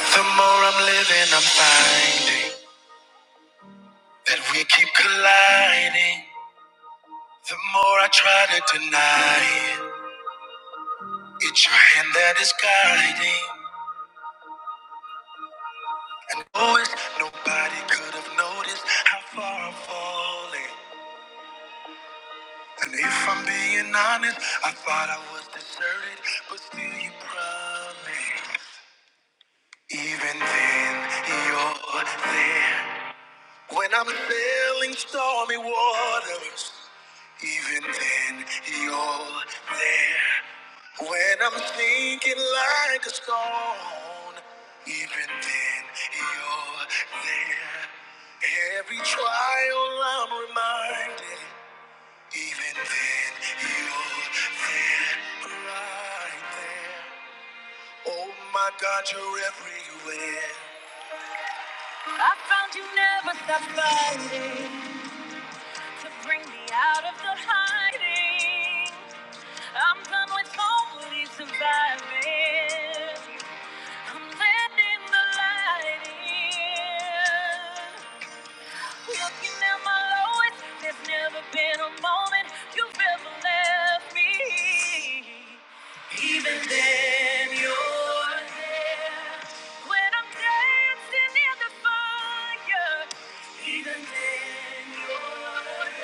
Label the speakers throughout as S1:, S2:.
S1: The more I'm living, I'm finding that we keep colliding. The more I try to deny it, it's your hand that is guiding. And always nobody could have noticed how far I'm falling. And if I'm being honest, I thought I was deserted, but still you promised. Even then, you're there. When I'm sailing stormy waters. Even then, you're there. When I'm thinking like a stone, even then, you're there. Every trial I'm reminded, even then, you're there, right there. Oh my God, you're everywhere. I found you never stop fighting to bring me out of the hiding. I'm done with only surviving. I'm letting the light in. Looking at my lowest, there's never been a moment you've ever left me. Even then, you're there. When I'm dancing in the fire, even then, you're there.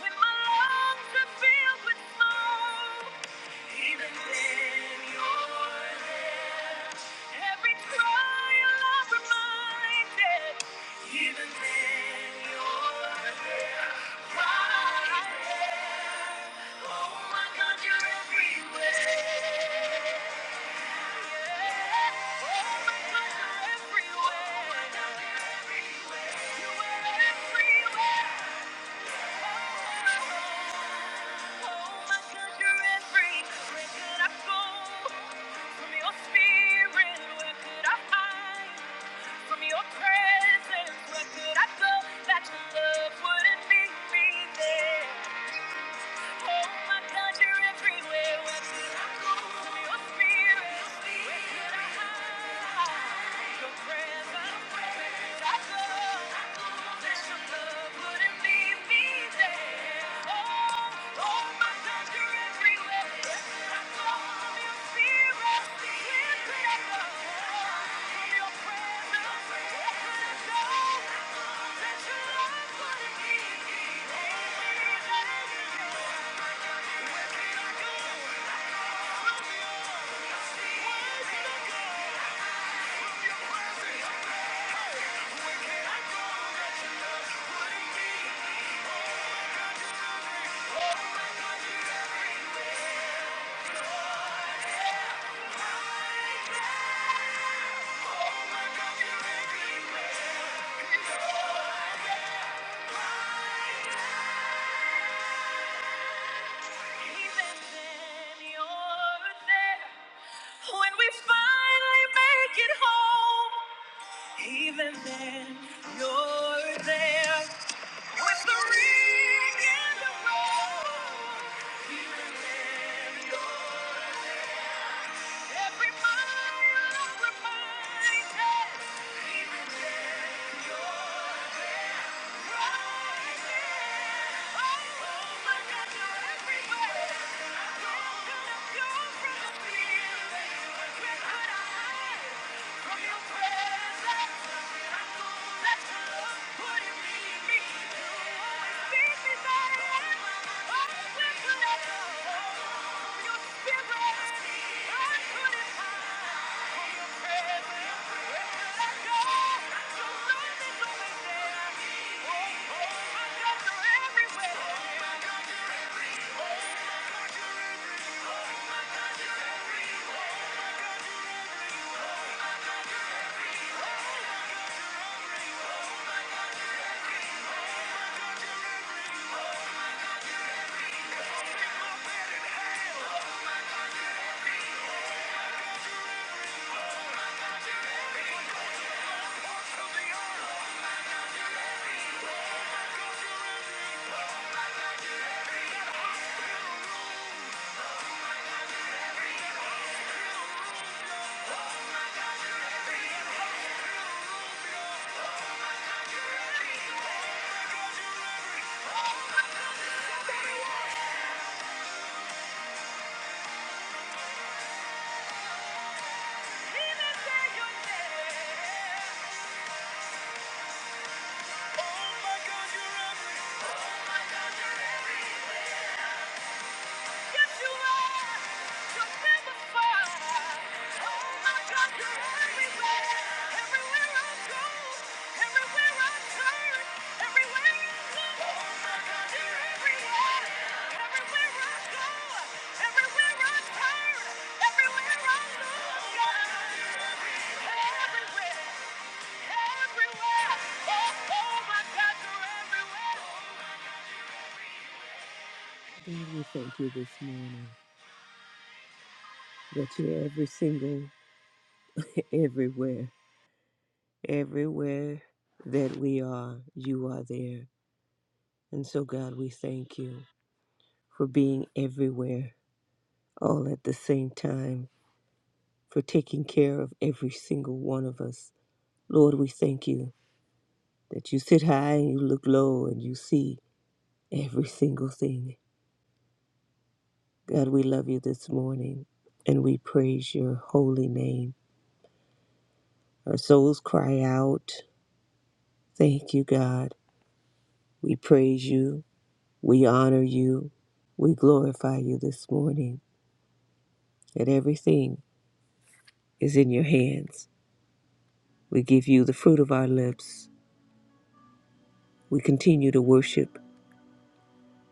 S1: When my lungs are filled with smoke, even then you're there. Every trial I'm reminded, even then you're right. Oh my God, you're everywhere. Oh my God, you're everywhere. Oh my God, you're everywhere. You were everywhere. Presence, where. Could I go presence? That your love wouldn't leave me there. Thank you. When we finally make it home, even then, you're there. With the ring in the road. Thank you. Yeah. God, we thank you this morning that you're every single everywhere, everywhere that we are, you are there. And so, God, we thank you for being everywhere all at the same time, for taking care of every single one of us. Lord, we thank you that you sit high and you look low and you see every single thing. God, we love you this morning and we praise your holy name. Our souls cry out, Thank you, God. We praise you. We honor you. We glorify you this morning. That everything is in your hands. We give you the fruit of our lips. We continue to worship.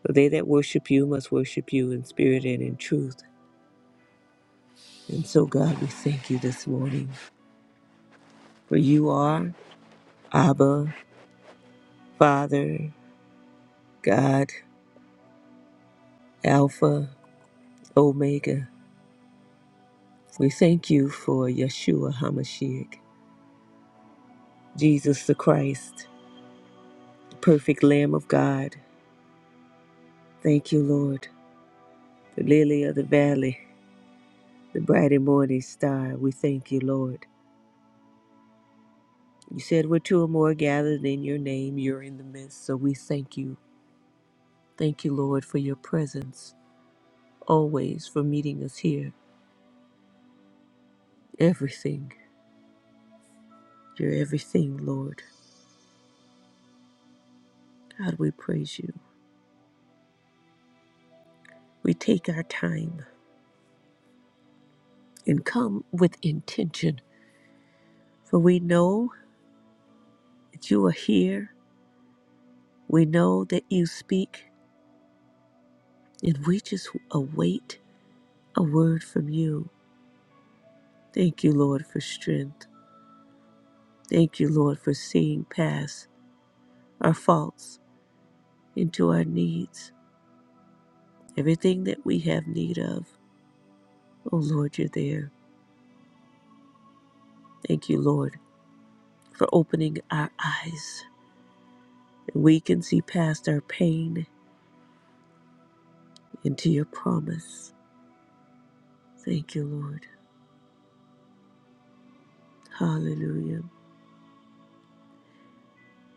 S1: For they that worship you must worship you in spirit and in truth. And so, God, we thank you this morning. For you are Abba, Father, God, Alpha, Omega. We thank you for Yeshua HaMashiach, Jesus the Christ, the perfect Lamb of God. Thank you, Lord. the lily of the valley, the bright and morning star. We thank you, Lord. You said we're two or more gathered in your name, you're in the midst. So we thank you. Thank you, Lord, for your presence, always for meeting us here. Everything, you're everything, Lord. God, we praise you. We take our time and come with intention, for we know that you are here. We know that you speak, and we just await a word from you. Thank you, Lord, for strength. Thank you, Lord, for seeing past our faults into our needs, everything that we have need of. Oh, Lord, you're there. Thank you, Lord, for opening our eyes. We can see past our pain into your promise. Thank you, Lord. Hallelujah.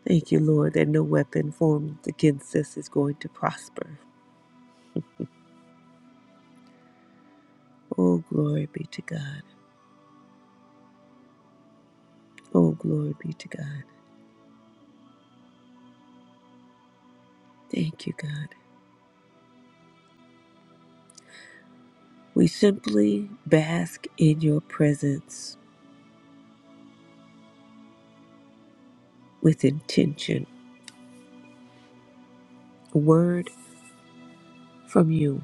S1: Thank you, Lord, that no weapon formed against us is going to prosper. Oh, glory be to God. Oh, glory be to God. Thank you, God. We simply bask in your presence with intention, a word from you,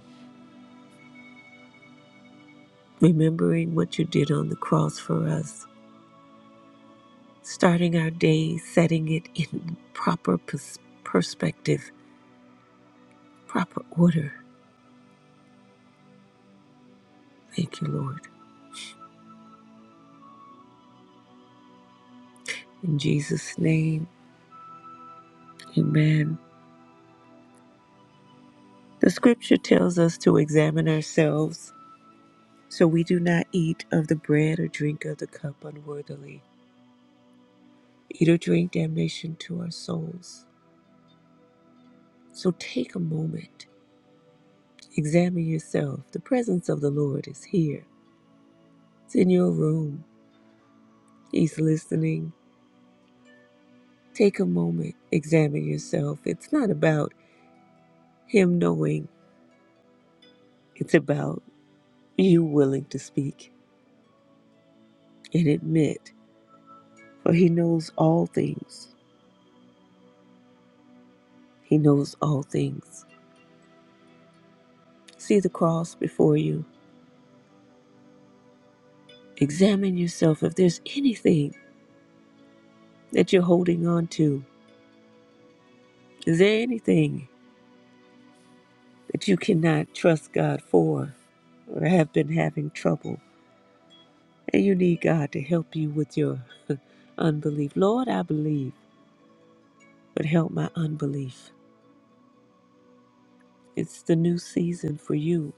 S1: remembering what you did on the cross for us, starting our day, setting it in proper pers- perspective, proper order. Thank you, Lord. In Jesus' name, amen. The scripture tells us to examine ourselves so we do not eat of the bread or drink of the cup unworthily, eat or drink damnation to our souls. So take a moment, examine yourself. The presence of the Lord is here, it's in your room, He's listening. Take a moment, examine yourself. It's not about Him knowing, it's about you willing to speak and admit, for He knows all things. He knows all things. See the cross before you. Examine yourself if there's anything that you're holding on to. Is there anything? that you cannot trust God for or have been having trouble. And you need God to help you with your unbelief. Lord, I believe, but help my unbelief. It's the new season for you,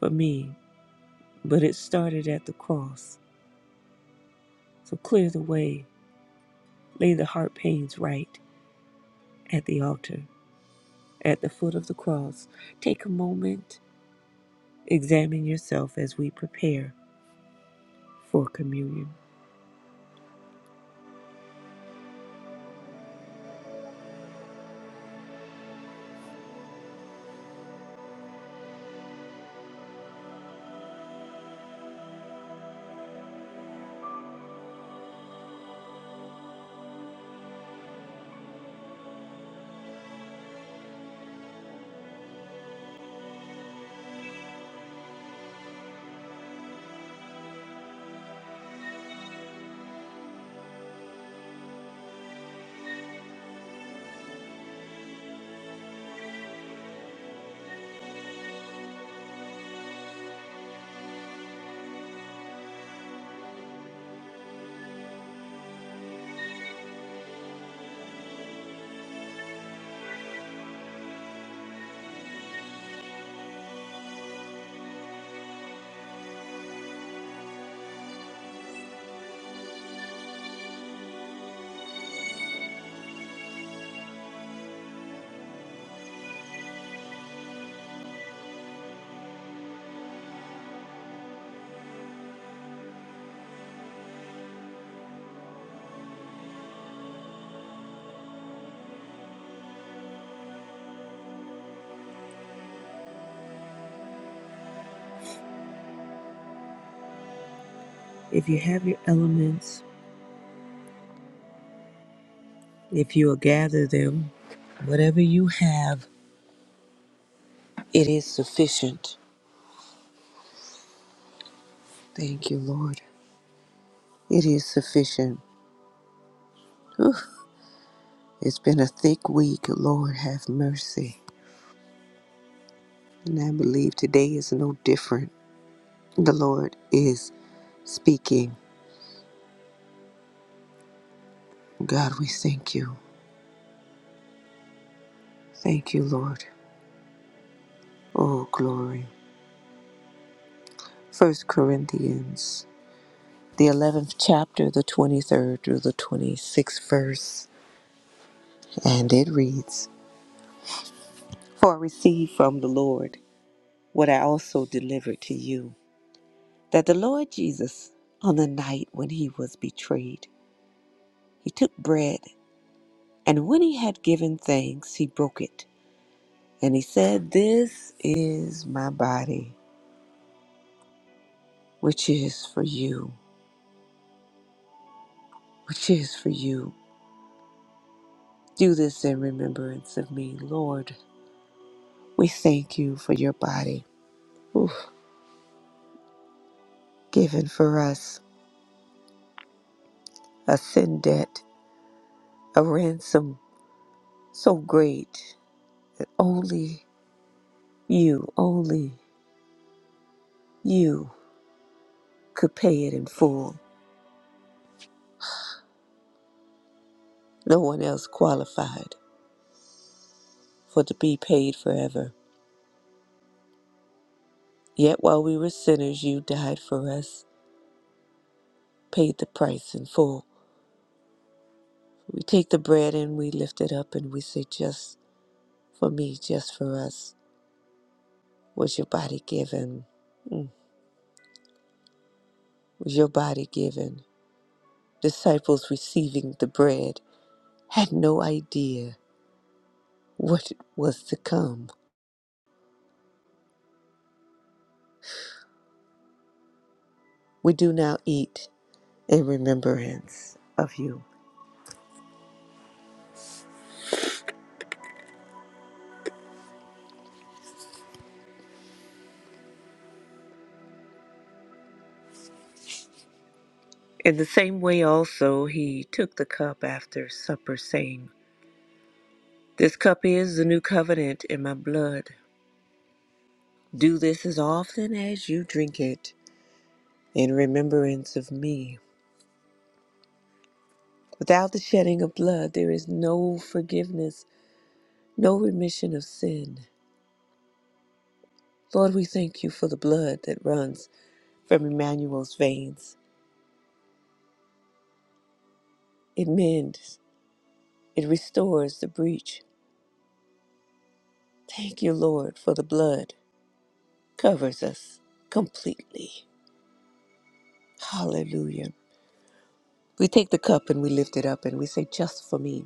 S1: for me, but it started at the cross. So clear the way, lay the heart pains right at the altar, at the foot of the cross. Take a moment, examine yourself as we prepare for communion. If you have your elements, If you will gather them, whatever you have, it is sufficient. Thank you, Lord. It is sufficient. Whew. It's been a thick week. Lord, have mercy. And I believe today is no different. The Lord is speaking. God, we thank you. Thank you, Lord. Oh, glory. First Corinthians, the 11th chapter, the 23rd through the 26th verse. And it reads For I received from the Lord what I also delivered to you that the Lord Jesus, on the night when he was betrayed, he took bread, and when he had given thanks, he broke it. And he said, This is my body, which is for you, which is for you. Do this in remembrance of me, Lord. We thank you for your body, oof, given for us a sin debt, a ransom so great that only you, only you could pay it in full. No one else qualified for to be paid forever. Yet while we were sinners, you died for us, paid the price in full. We take the bread and we lift it up and we say, Just for me, just for us, was your body given. Mm, Was your body given? Disciples receiving the bread had no idea what was to come. We do now eat in remembrance of you. In the same way also he took the cup after supper, saying, This cup is the new covenant in my blood. Do this as often as you drink it in remembrance of me. Without the shedding of blood, there is no forgiveness, no remission of sin. Lord, we thank you for the blood that runs from Emmanuel's veins. It mends, it restores the breach. Thank you, Lord, for the blood covers us completely. Hallelujah. We take the cup and we lift it up and we say, Just for me,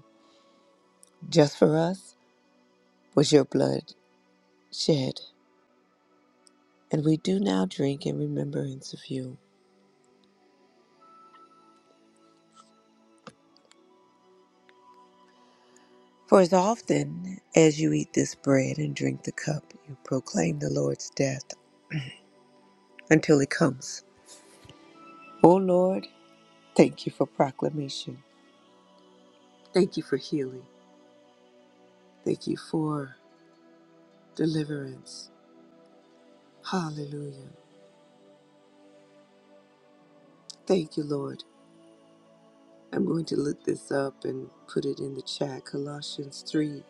S1: just for us was your blood shed. And we do now drink in remembrance of you. For as often as you eat this bread and drink the cup, you proclaim the Lord's death until he comes. O Lord, thank you for proclamation. Thank you for healing. Thank you for deliverance. Hallelujah. Thank you, Lord. I'm going to look this up and put it in the chat. Colossians 3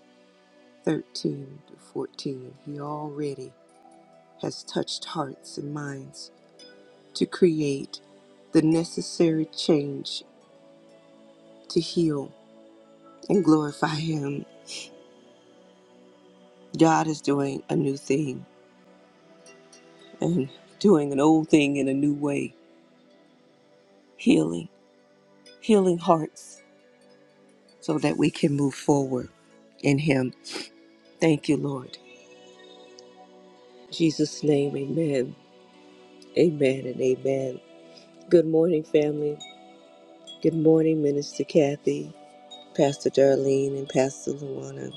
S1: 13 to 14, He already has touched hearts and minds to create the necessary change to heal and glorify Him. God is doing a new thing and doing an old thing in a new way, healing, healing hearts so that we can move forward in Him. Thank you, Lord. In Jesus' name, amen. Amen and amen. Good morning, family. Good morning, Minister Kathy. Pastor Darlene and Pastor Luana.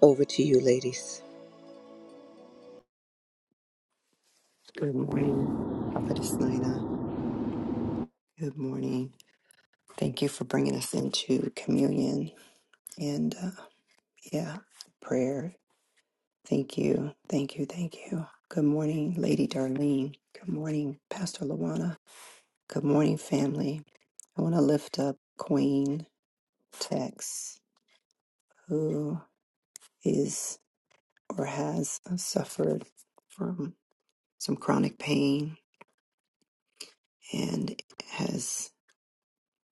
S1: Over to you, ladies.
S2: Good morning, Prophetess Nina. Good morning. Thank you for bringing us into communion and, uh, yeah, prayer. Thank you. Thank you. Thank you. Good morning, Lady Darlene. Good morning, Pastor Luana. Good morning, family. I want to lift up Queen Tex, who is or has suffered from some chronic pain and has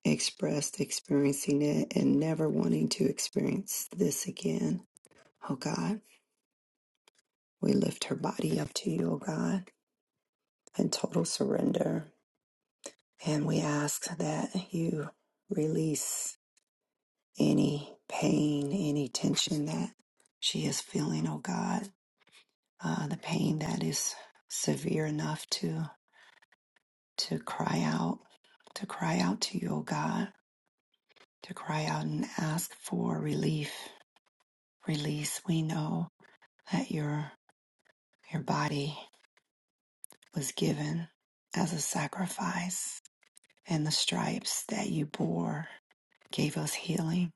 S2: expressed experiencing it and never wanting to experience this again. Oh God, we lift her body up to you, oh God, in total surrender. And we ask that you release any pain, any tension that she is feeling, oh God, uh, the pain that is severe enough to to cry out, to cry out to you, oh God, to cry out and ask for relief, release. We know that your your body was given as a sacrifice and the stripes that you bore gave us healing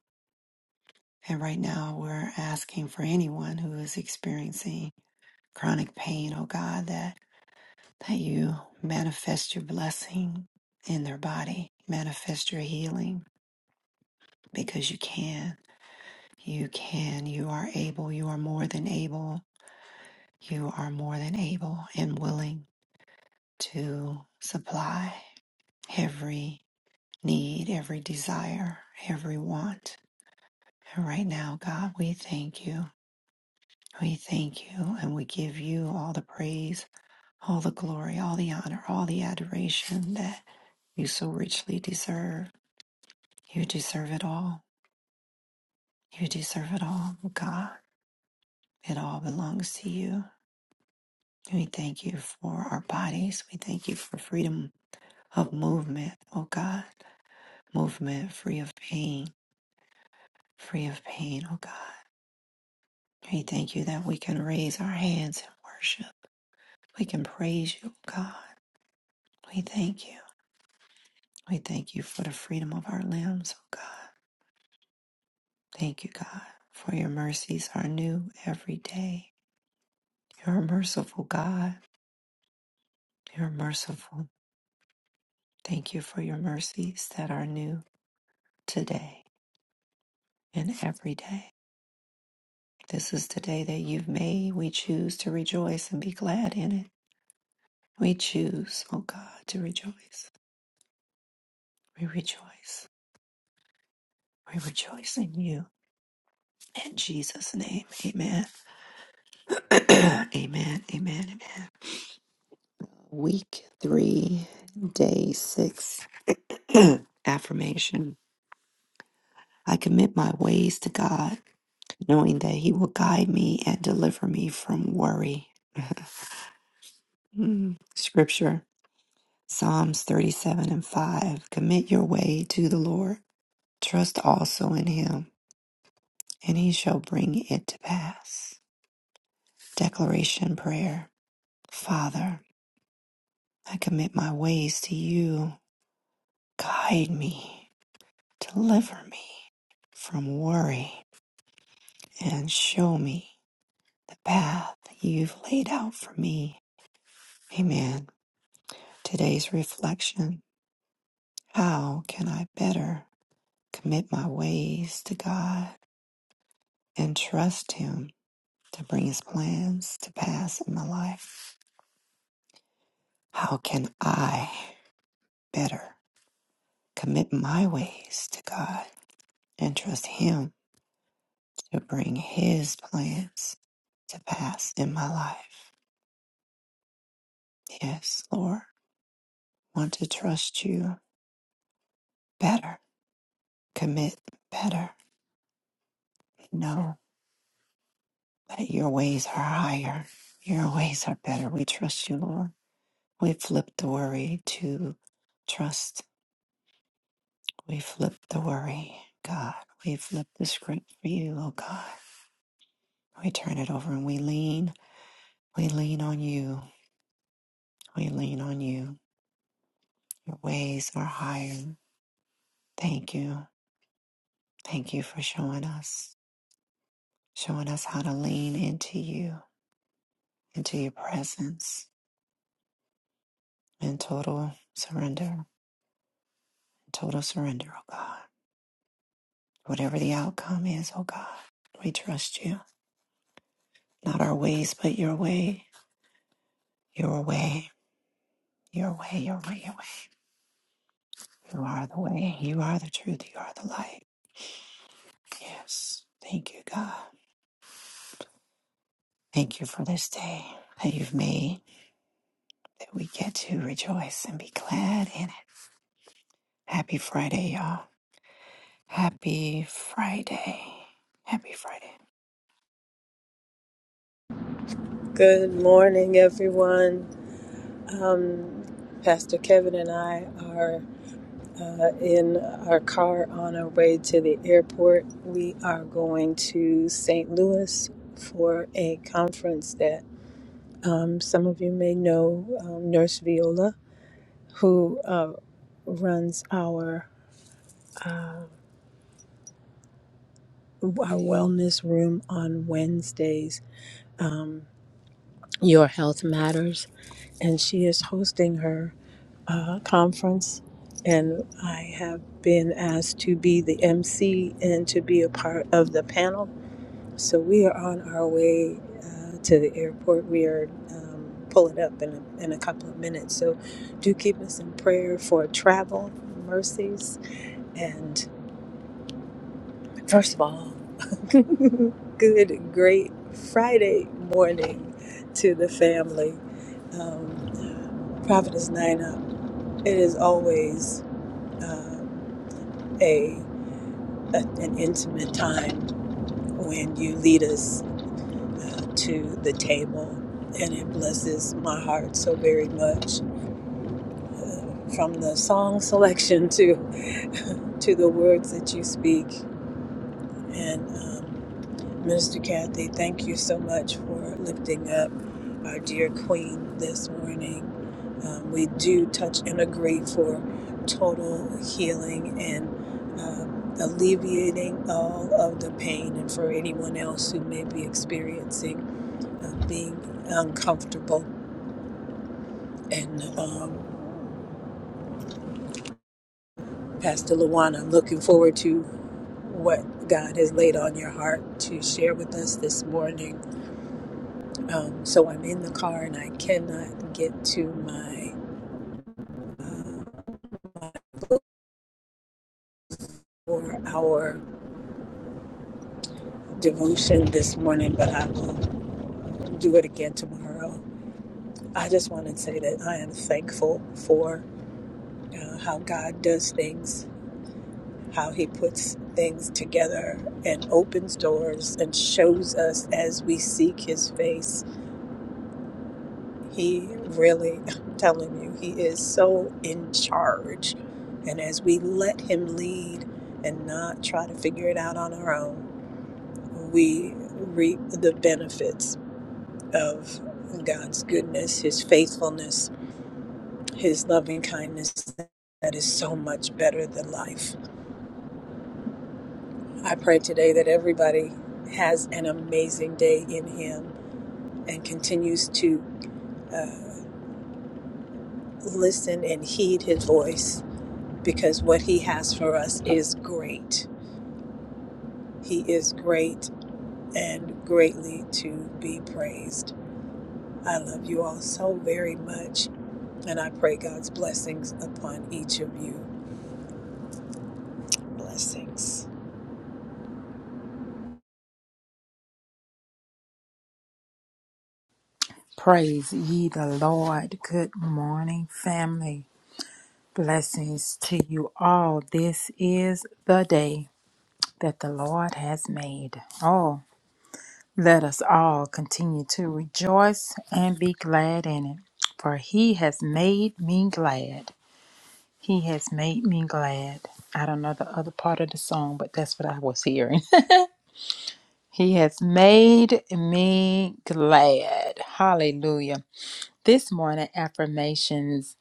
S2: and right now we're asking for anyone who is experiencing chronic pain oh god that that you manifest your blessing in their body manifest your healing because you can you can you are able you are more than able you are more than able and willing to supply every need, every desire, every want. And right now, God, we thank you. We thank you and we give you all the praise, all the glory, all the honor, all the adoration that you so richly deserve. You deserve it all. You deserve it all, God. It all belongs to you. We thank you for our bodies. We thank you for freedom of movement, oh God. Movement free of pain, free of pain, oh God We thank you that we can raise our hands in worship. We can praise you, oh God. We thank you. We thank you for the freedom of our limbs, oh God. Thank you, God, for your mercies are new every day. You're a merciful God. You're merciful. Thank you for your mercies that are new today and every day. This is the day that you've made. We choose to rejoice and be glad in it. We choose, oh God, to rejoice. We rejoice. We rejoice in you. In Jesus' name, amen. amen, amen, amen. Week three, day six, affirmation. I commit my ways to God, knowing that He will guide me and deliver me from worry. Mm. Scripture Psalms 37 and 5. Commit your way to the Lord, trust also in Him, and He shall bring it to pass. Declaration Prayer Father, I commit my ways to you Guide me, deliver me from worry, and show me the path you've laid out for me. Amen. Today's reflection How can I better commit my ways to God and trust Him to bring His plans to pass in my life? How can I better commit my ways to God and trust Him to bring His plans to pass in my life? Yes, Lord. Want to trust you better, commit better, know that your ways are higher, your ways are better. We trust you, Lord. We flip the worry to trust. We flip the worry, God. We flip the script for you, oh God. We turn it over and we lean. We lean on you. We lean on you. Your ways are higher. Thank you. Thank you for showing us, showing us how to lean into you into your presence in total surrender, total surrender, oh God. Whatever the outcome is, oh God, we trust you. Not our ways, but your way, your way, your way, your way, your way. You are the way, you are the truth, you are the light. Yes. Thank you, God. Thank you for this day that you've made, that we get to rejoice and be glad in it. Happy Friday, y'all. Happy Friday. Happy Friday.
S3: Good morning, everyone. Um, Pastor Kevin and I are uh, in our car on our way to the airport. We are going to St. Louis for a conference that um, some of you may know um, Nurse Viola, who uh, runs our uh, our wellness room on Wednesdays. Um, Your Health Matters, and she is hosting her. uh, conference, and I have been asked to be the MC and to be a part of the panel. So we are on our way uh, to the airport. We are um, pulling up in a, in a couple of minutes. So do keep us in prayer for travel mercies. And first of all, good, great Friday morning to the family. Um, Prophetess Nina, it is always. uh, a, a an intimate time when you lead us uh, to the table, and it blesses my heart so very much. Uh, from the song selection to to the words that you speak, and um, Mr. Kathy, thank you so much for lifting up our dear Queen this morning. Um, we do touch and agree for total healing and um, alleviating all of the pain, and for anyone else who may be experiencing uh, being uncomfortable. And um, Pastor Luana, I'm looking forward to what God has laid on your heart to share with us this morning. Um, so I'm in the car and I cannot get to my uh, book or devotion this morning, but I will do it again tomorrow. I just want to say that I am thankful for uh, how God does things, how He puts things together and opens doors and shows us as we seek His face He really, I'm telling you, he is so in charge. And as we let him lead and not try to figure it out on our own, we reap the benefits of God's goodness, his faithfulness, his loving kindness that is so much better than life. I pray today that everybody has an amazing day in him and continues to uh, listen and heed his voice because what he has for us is great. He is great and greatly to be praised. I love you all so very much, and I pray God's blessings upon each of you. Blessings.
S4: Praise ye the Lord. Good morning, family. Blessings to you all. This is the day that the Lord has made. Oh, let us all continue to rejoice and be glad in it. For he has made me glad. He has made me glad. I don't know the other part of the song, but that's what I was hearing. he has made me glad. Hallelujah. This morning, affirmations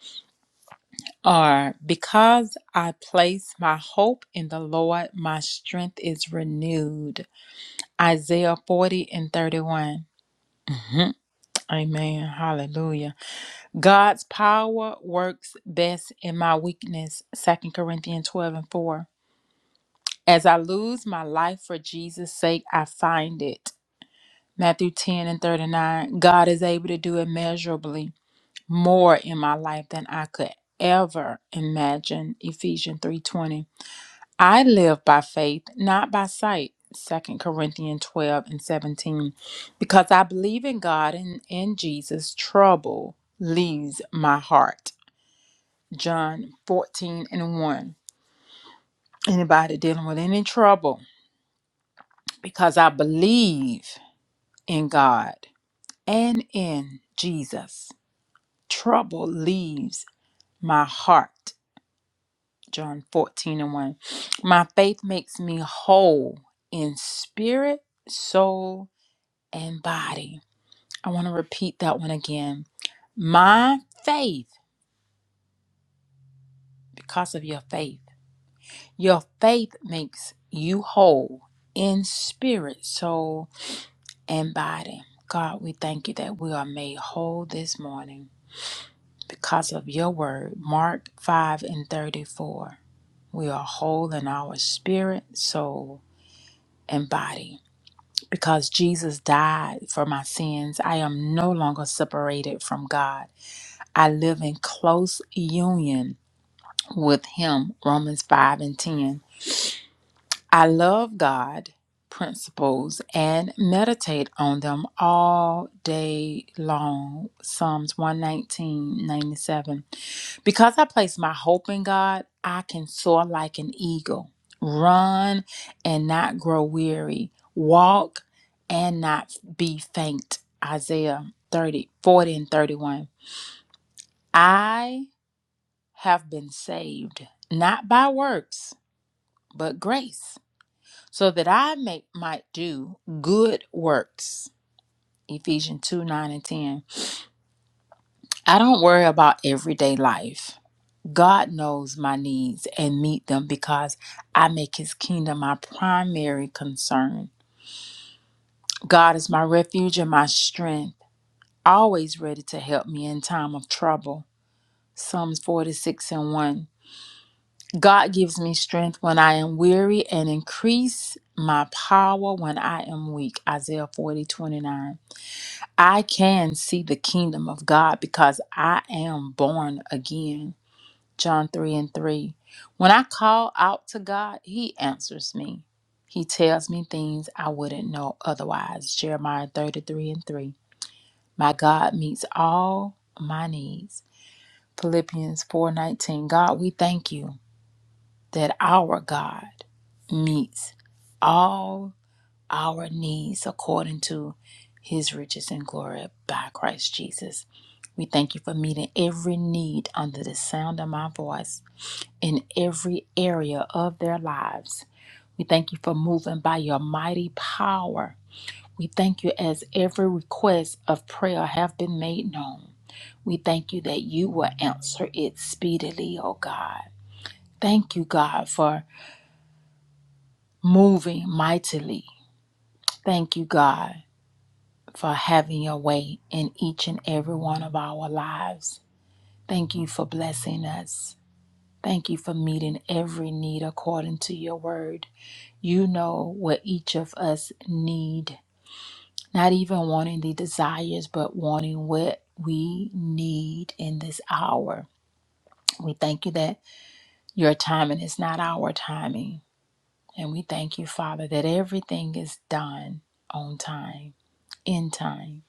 S4: are because I place my hope in the Lord, my strength is renewed. Isaiah 40 and 31. Amen. Hallelujah. God's power works best in my weakness. Second Corinthians 12 and 4. As I lose my life for Jesus' sake, I find it. Matthew 10 and 39. God is able to do immeasurably more in my life than I could ever imagine. Ephesians 3:20. I live by faith, not by sight. Second Corinthians 12 and 17. Because I believe in God and in Jesus, trouble leaves my heart. John 14 and 1. Anybody dealing with any trouble? Because I believe in God and in Jesus, trouble leaves my heart. John 14 and 1. My faith makes me whole in spirit, soul, and body. I want to repeat that one again. My faith, because of your faith, your faith makes you whole in spirit, soul, and body. God, we thank you that we are made whole this morning because of your word. Mark 5 and 34. We are whole in our spirit, soul, and body. Because Jesus died for my sins, I am no longer separated from God. I live in close union with Him, Romans 5 and 10. I love God principles and meditate on them all day long, Psalms one nineteen ninety seven. Because I place my hope in God, I can soar like an eagle, run and not grow weary, walk and not be faint, Isaiah 30 40 and 31. I have been saved, not by works, but grace, so that I may, might do good works. Ephesians 2 9 and 10. I don't worry about everyday life. God knows my needs and meet them because I make his kingdom my primary concern. God is my refuge and my strength, always ready to help me in time of trouble. Psalms 46 and 1. God gives me strength when I am weary and increase my power when I am weak. Isaiah 40 29. I can see the kingdom of God because I am born again. John 3 and 3. When I call out to God, He answers me. He tells me things I wouldn't know otherwise. Jeremiah 33 and 3. My God meets all my needs. Philippians 4:19. God, we thank you that our God meets all our needs according to his riches and glory by Christ Jesus. We thank you for meeting every need under the sound of my voice in every area of their lives. We thank you for moving by your mighty power. We thank you as every request of prayer have been made known. We thank you that you will answer it speedily, O God. Thank you, God, for moving mightily. Thank you, God, for having your way in each and every one of our lives. Thank you for blessing us. Thank you for meeting every need according to your word. You know what each of us need, not even wanting the desires, but wanting what we need in this hour. We thank you that your timing is not our timing. And we thank you, Father, that everything is done on time. end time.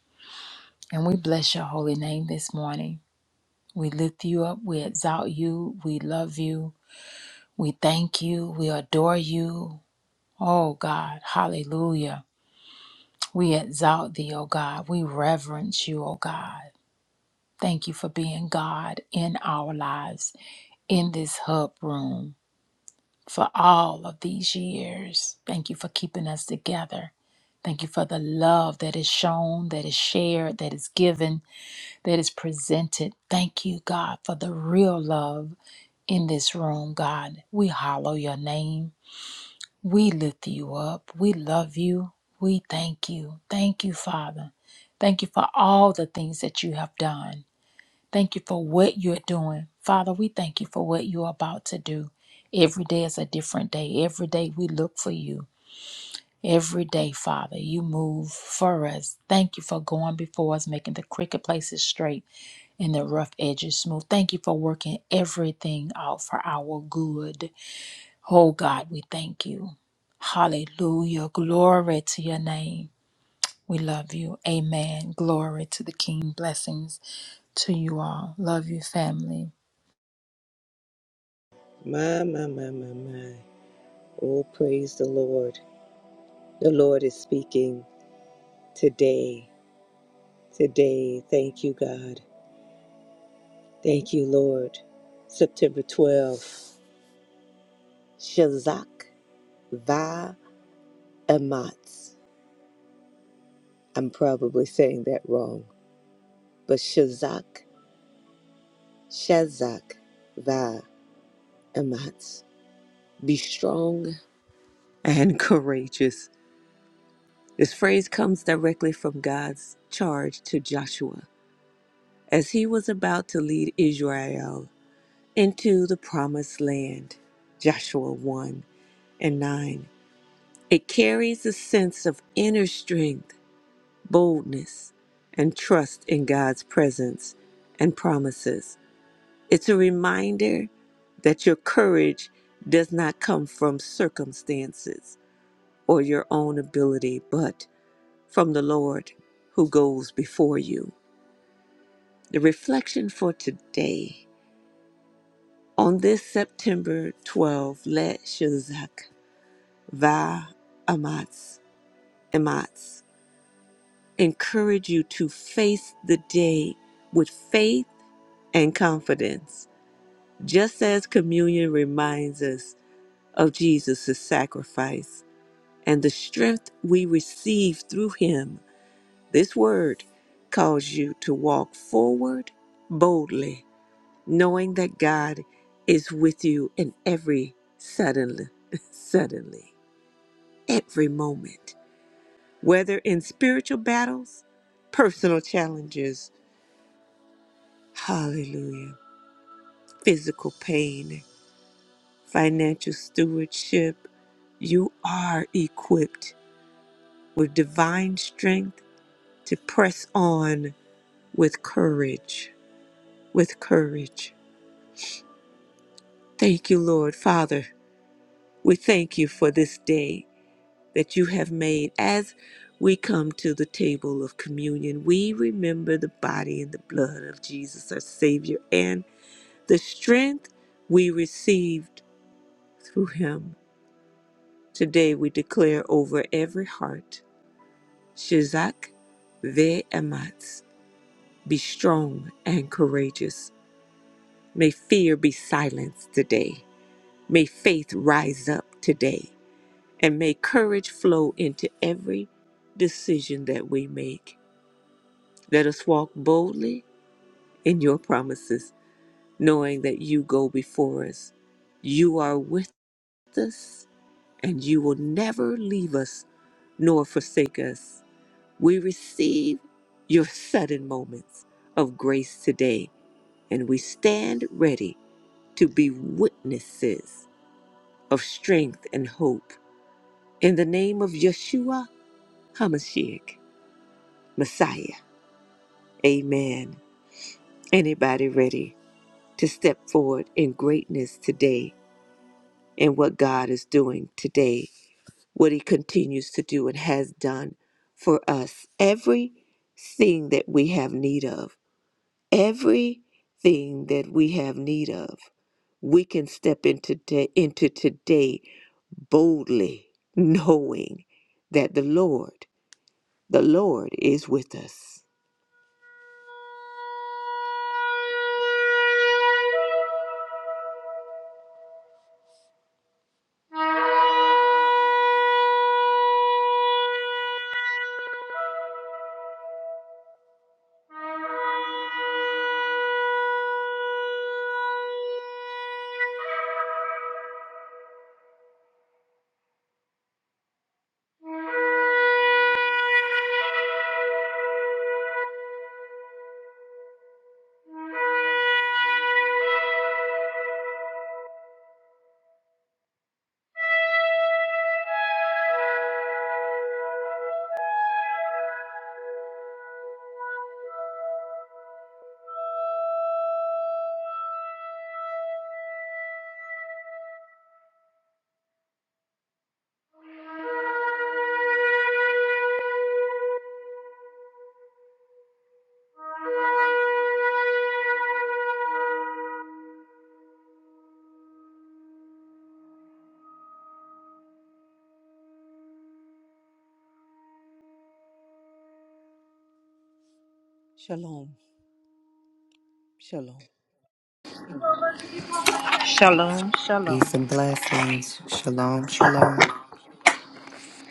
S4: And we bless your holy name this morning. We lift you up. We exalt you. We love you. We thank you. We adore you. Oh God, hallelujah. We exalt thee, oh God. We reverence you, oh God. Thank you for being God in our lives, in this hub room, for all of these years. Thank you for keeping us together. Thank you for the love that is shown, that is shared, that is given that is presented. Thank you, God, for the real love in this room, God. We hallow your name. We lift you up. We love you. We thank you. Thank you, Father. Thank you for all the things that you have done. Thank you for what you're doing. Father, we thank you for what you're about to do. Every day is a different day. Every day we look for you. Every day, Father, you move for us. Thank you for going before us, making the crooked places straight and the rough edges smooth. Thank you for working everything out for our good. Oh God, we thank you. Hallelujah. Glory to your name. We love you. Amen. Glory to the King. Blessings to you all. Love you, family.
S1: My, my, my, my, my. Oh, praise the Lord. The Lord is speaking today. Today. Thank you, God. Thank you, Lord. September 12th. Shazak Va Ematz. I'm probably saying that wrong, but Shazak, Shazak Va Ematz. Be strong and courageous. This phrase comes directly from God's charge to Joshua as he was about to lead Israel into the promised land. Joshua 1 and 9. It carries a sense of inner strength, boldness, and trust in God's presence and promises. It's a reminder that your courage does not come from circumstances or your own ability, but from the Lord who goes before you. The reflection for today on this September 12, let Shazak Va Amatz Amatz encourage you to face the day with faith and confidence. Just as communion reminds us of Jesus' sacrifice and the strength we receive through him, this word calls you to walk forward boldly knowing that God is with you in every suddenly, suddenly, every moment, whether in spiritual battles, personal challenges, hallelujah, physical pain, financial stewardship, you are equipped with divine strength to press on with courage, with courage. Thank you, Lord Father. We thank you for this day. that you have made as we come to the table of communion. We remember the body and the blood of Jesus, our Savior, and the strength we received through him. Today we declare over every heart, Shizak ve'ematz, be strong and courageous. May fear be silenced today. May faith rise up today. And may courage flow into every decision that we make. Let us walk boldly in your promises, knowing that you go before us. You are with us, and you will never leave us nor forsake us. We receive your sudden moments of grace today, and we stand ready to be witnesses of strength and hope. In the name of Yeshua HaMashiach, Messiah. Amen. Anybody ready? to step forward in greatness today and what God is doing today, what He continues to do and has done for us. Everything that we have need of, everything that we have need of, we can step into, t- into today boldly, knowing that the Lord, the Lord is with us. Shalom. Shalom.
S2: Peace and blessings. Shalom, shalom.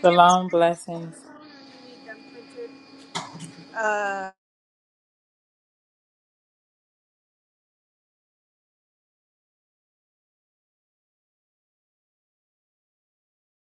S4: Shalom. Blessings.
S3: Uh...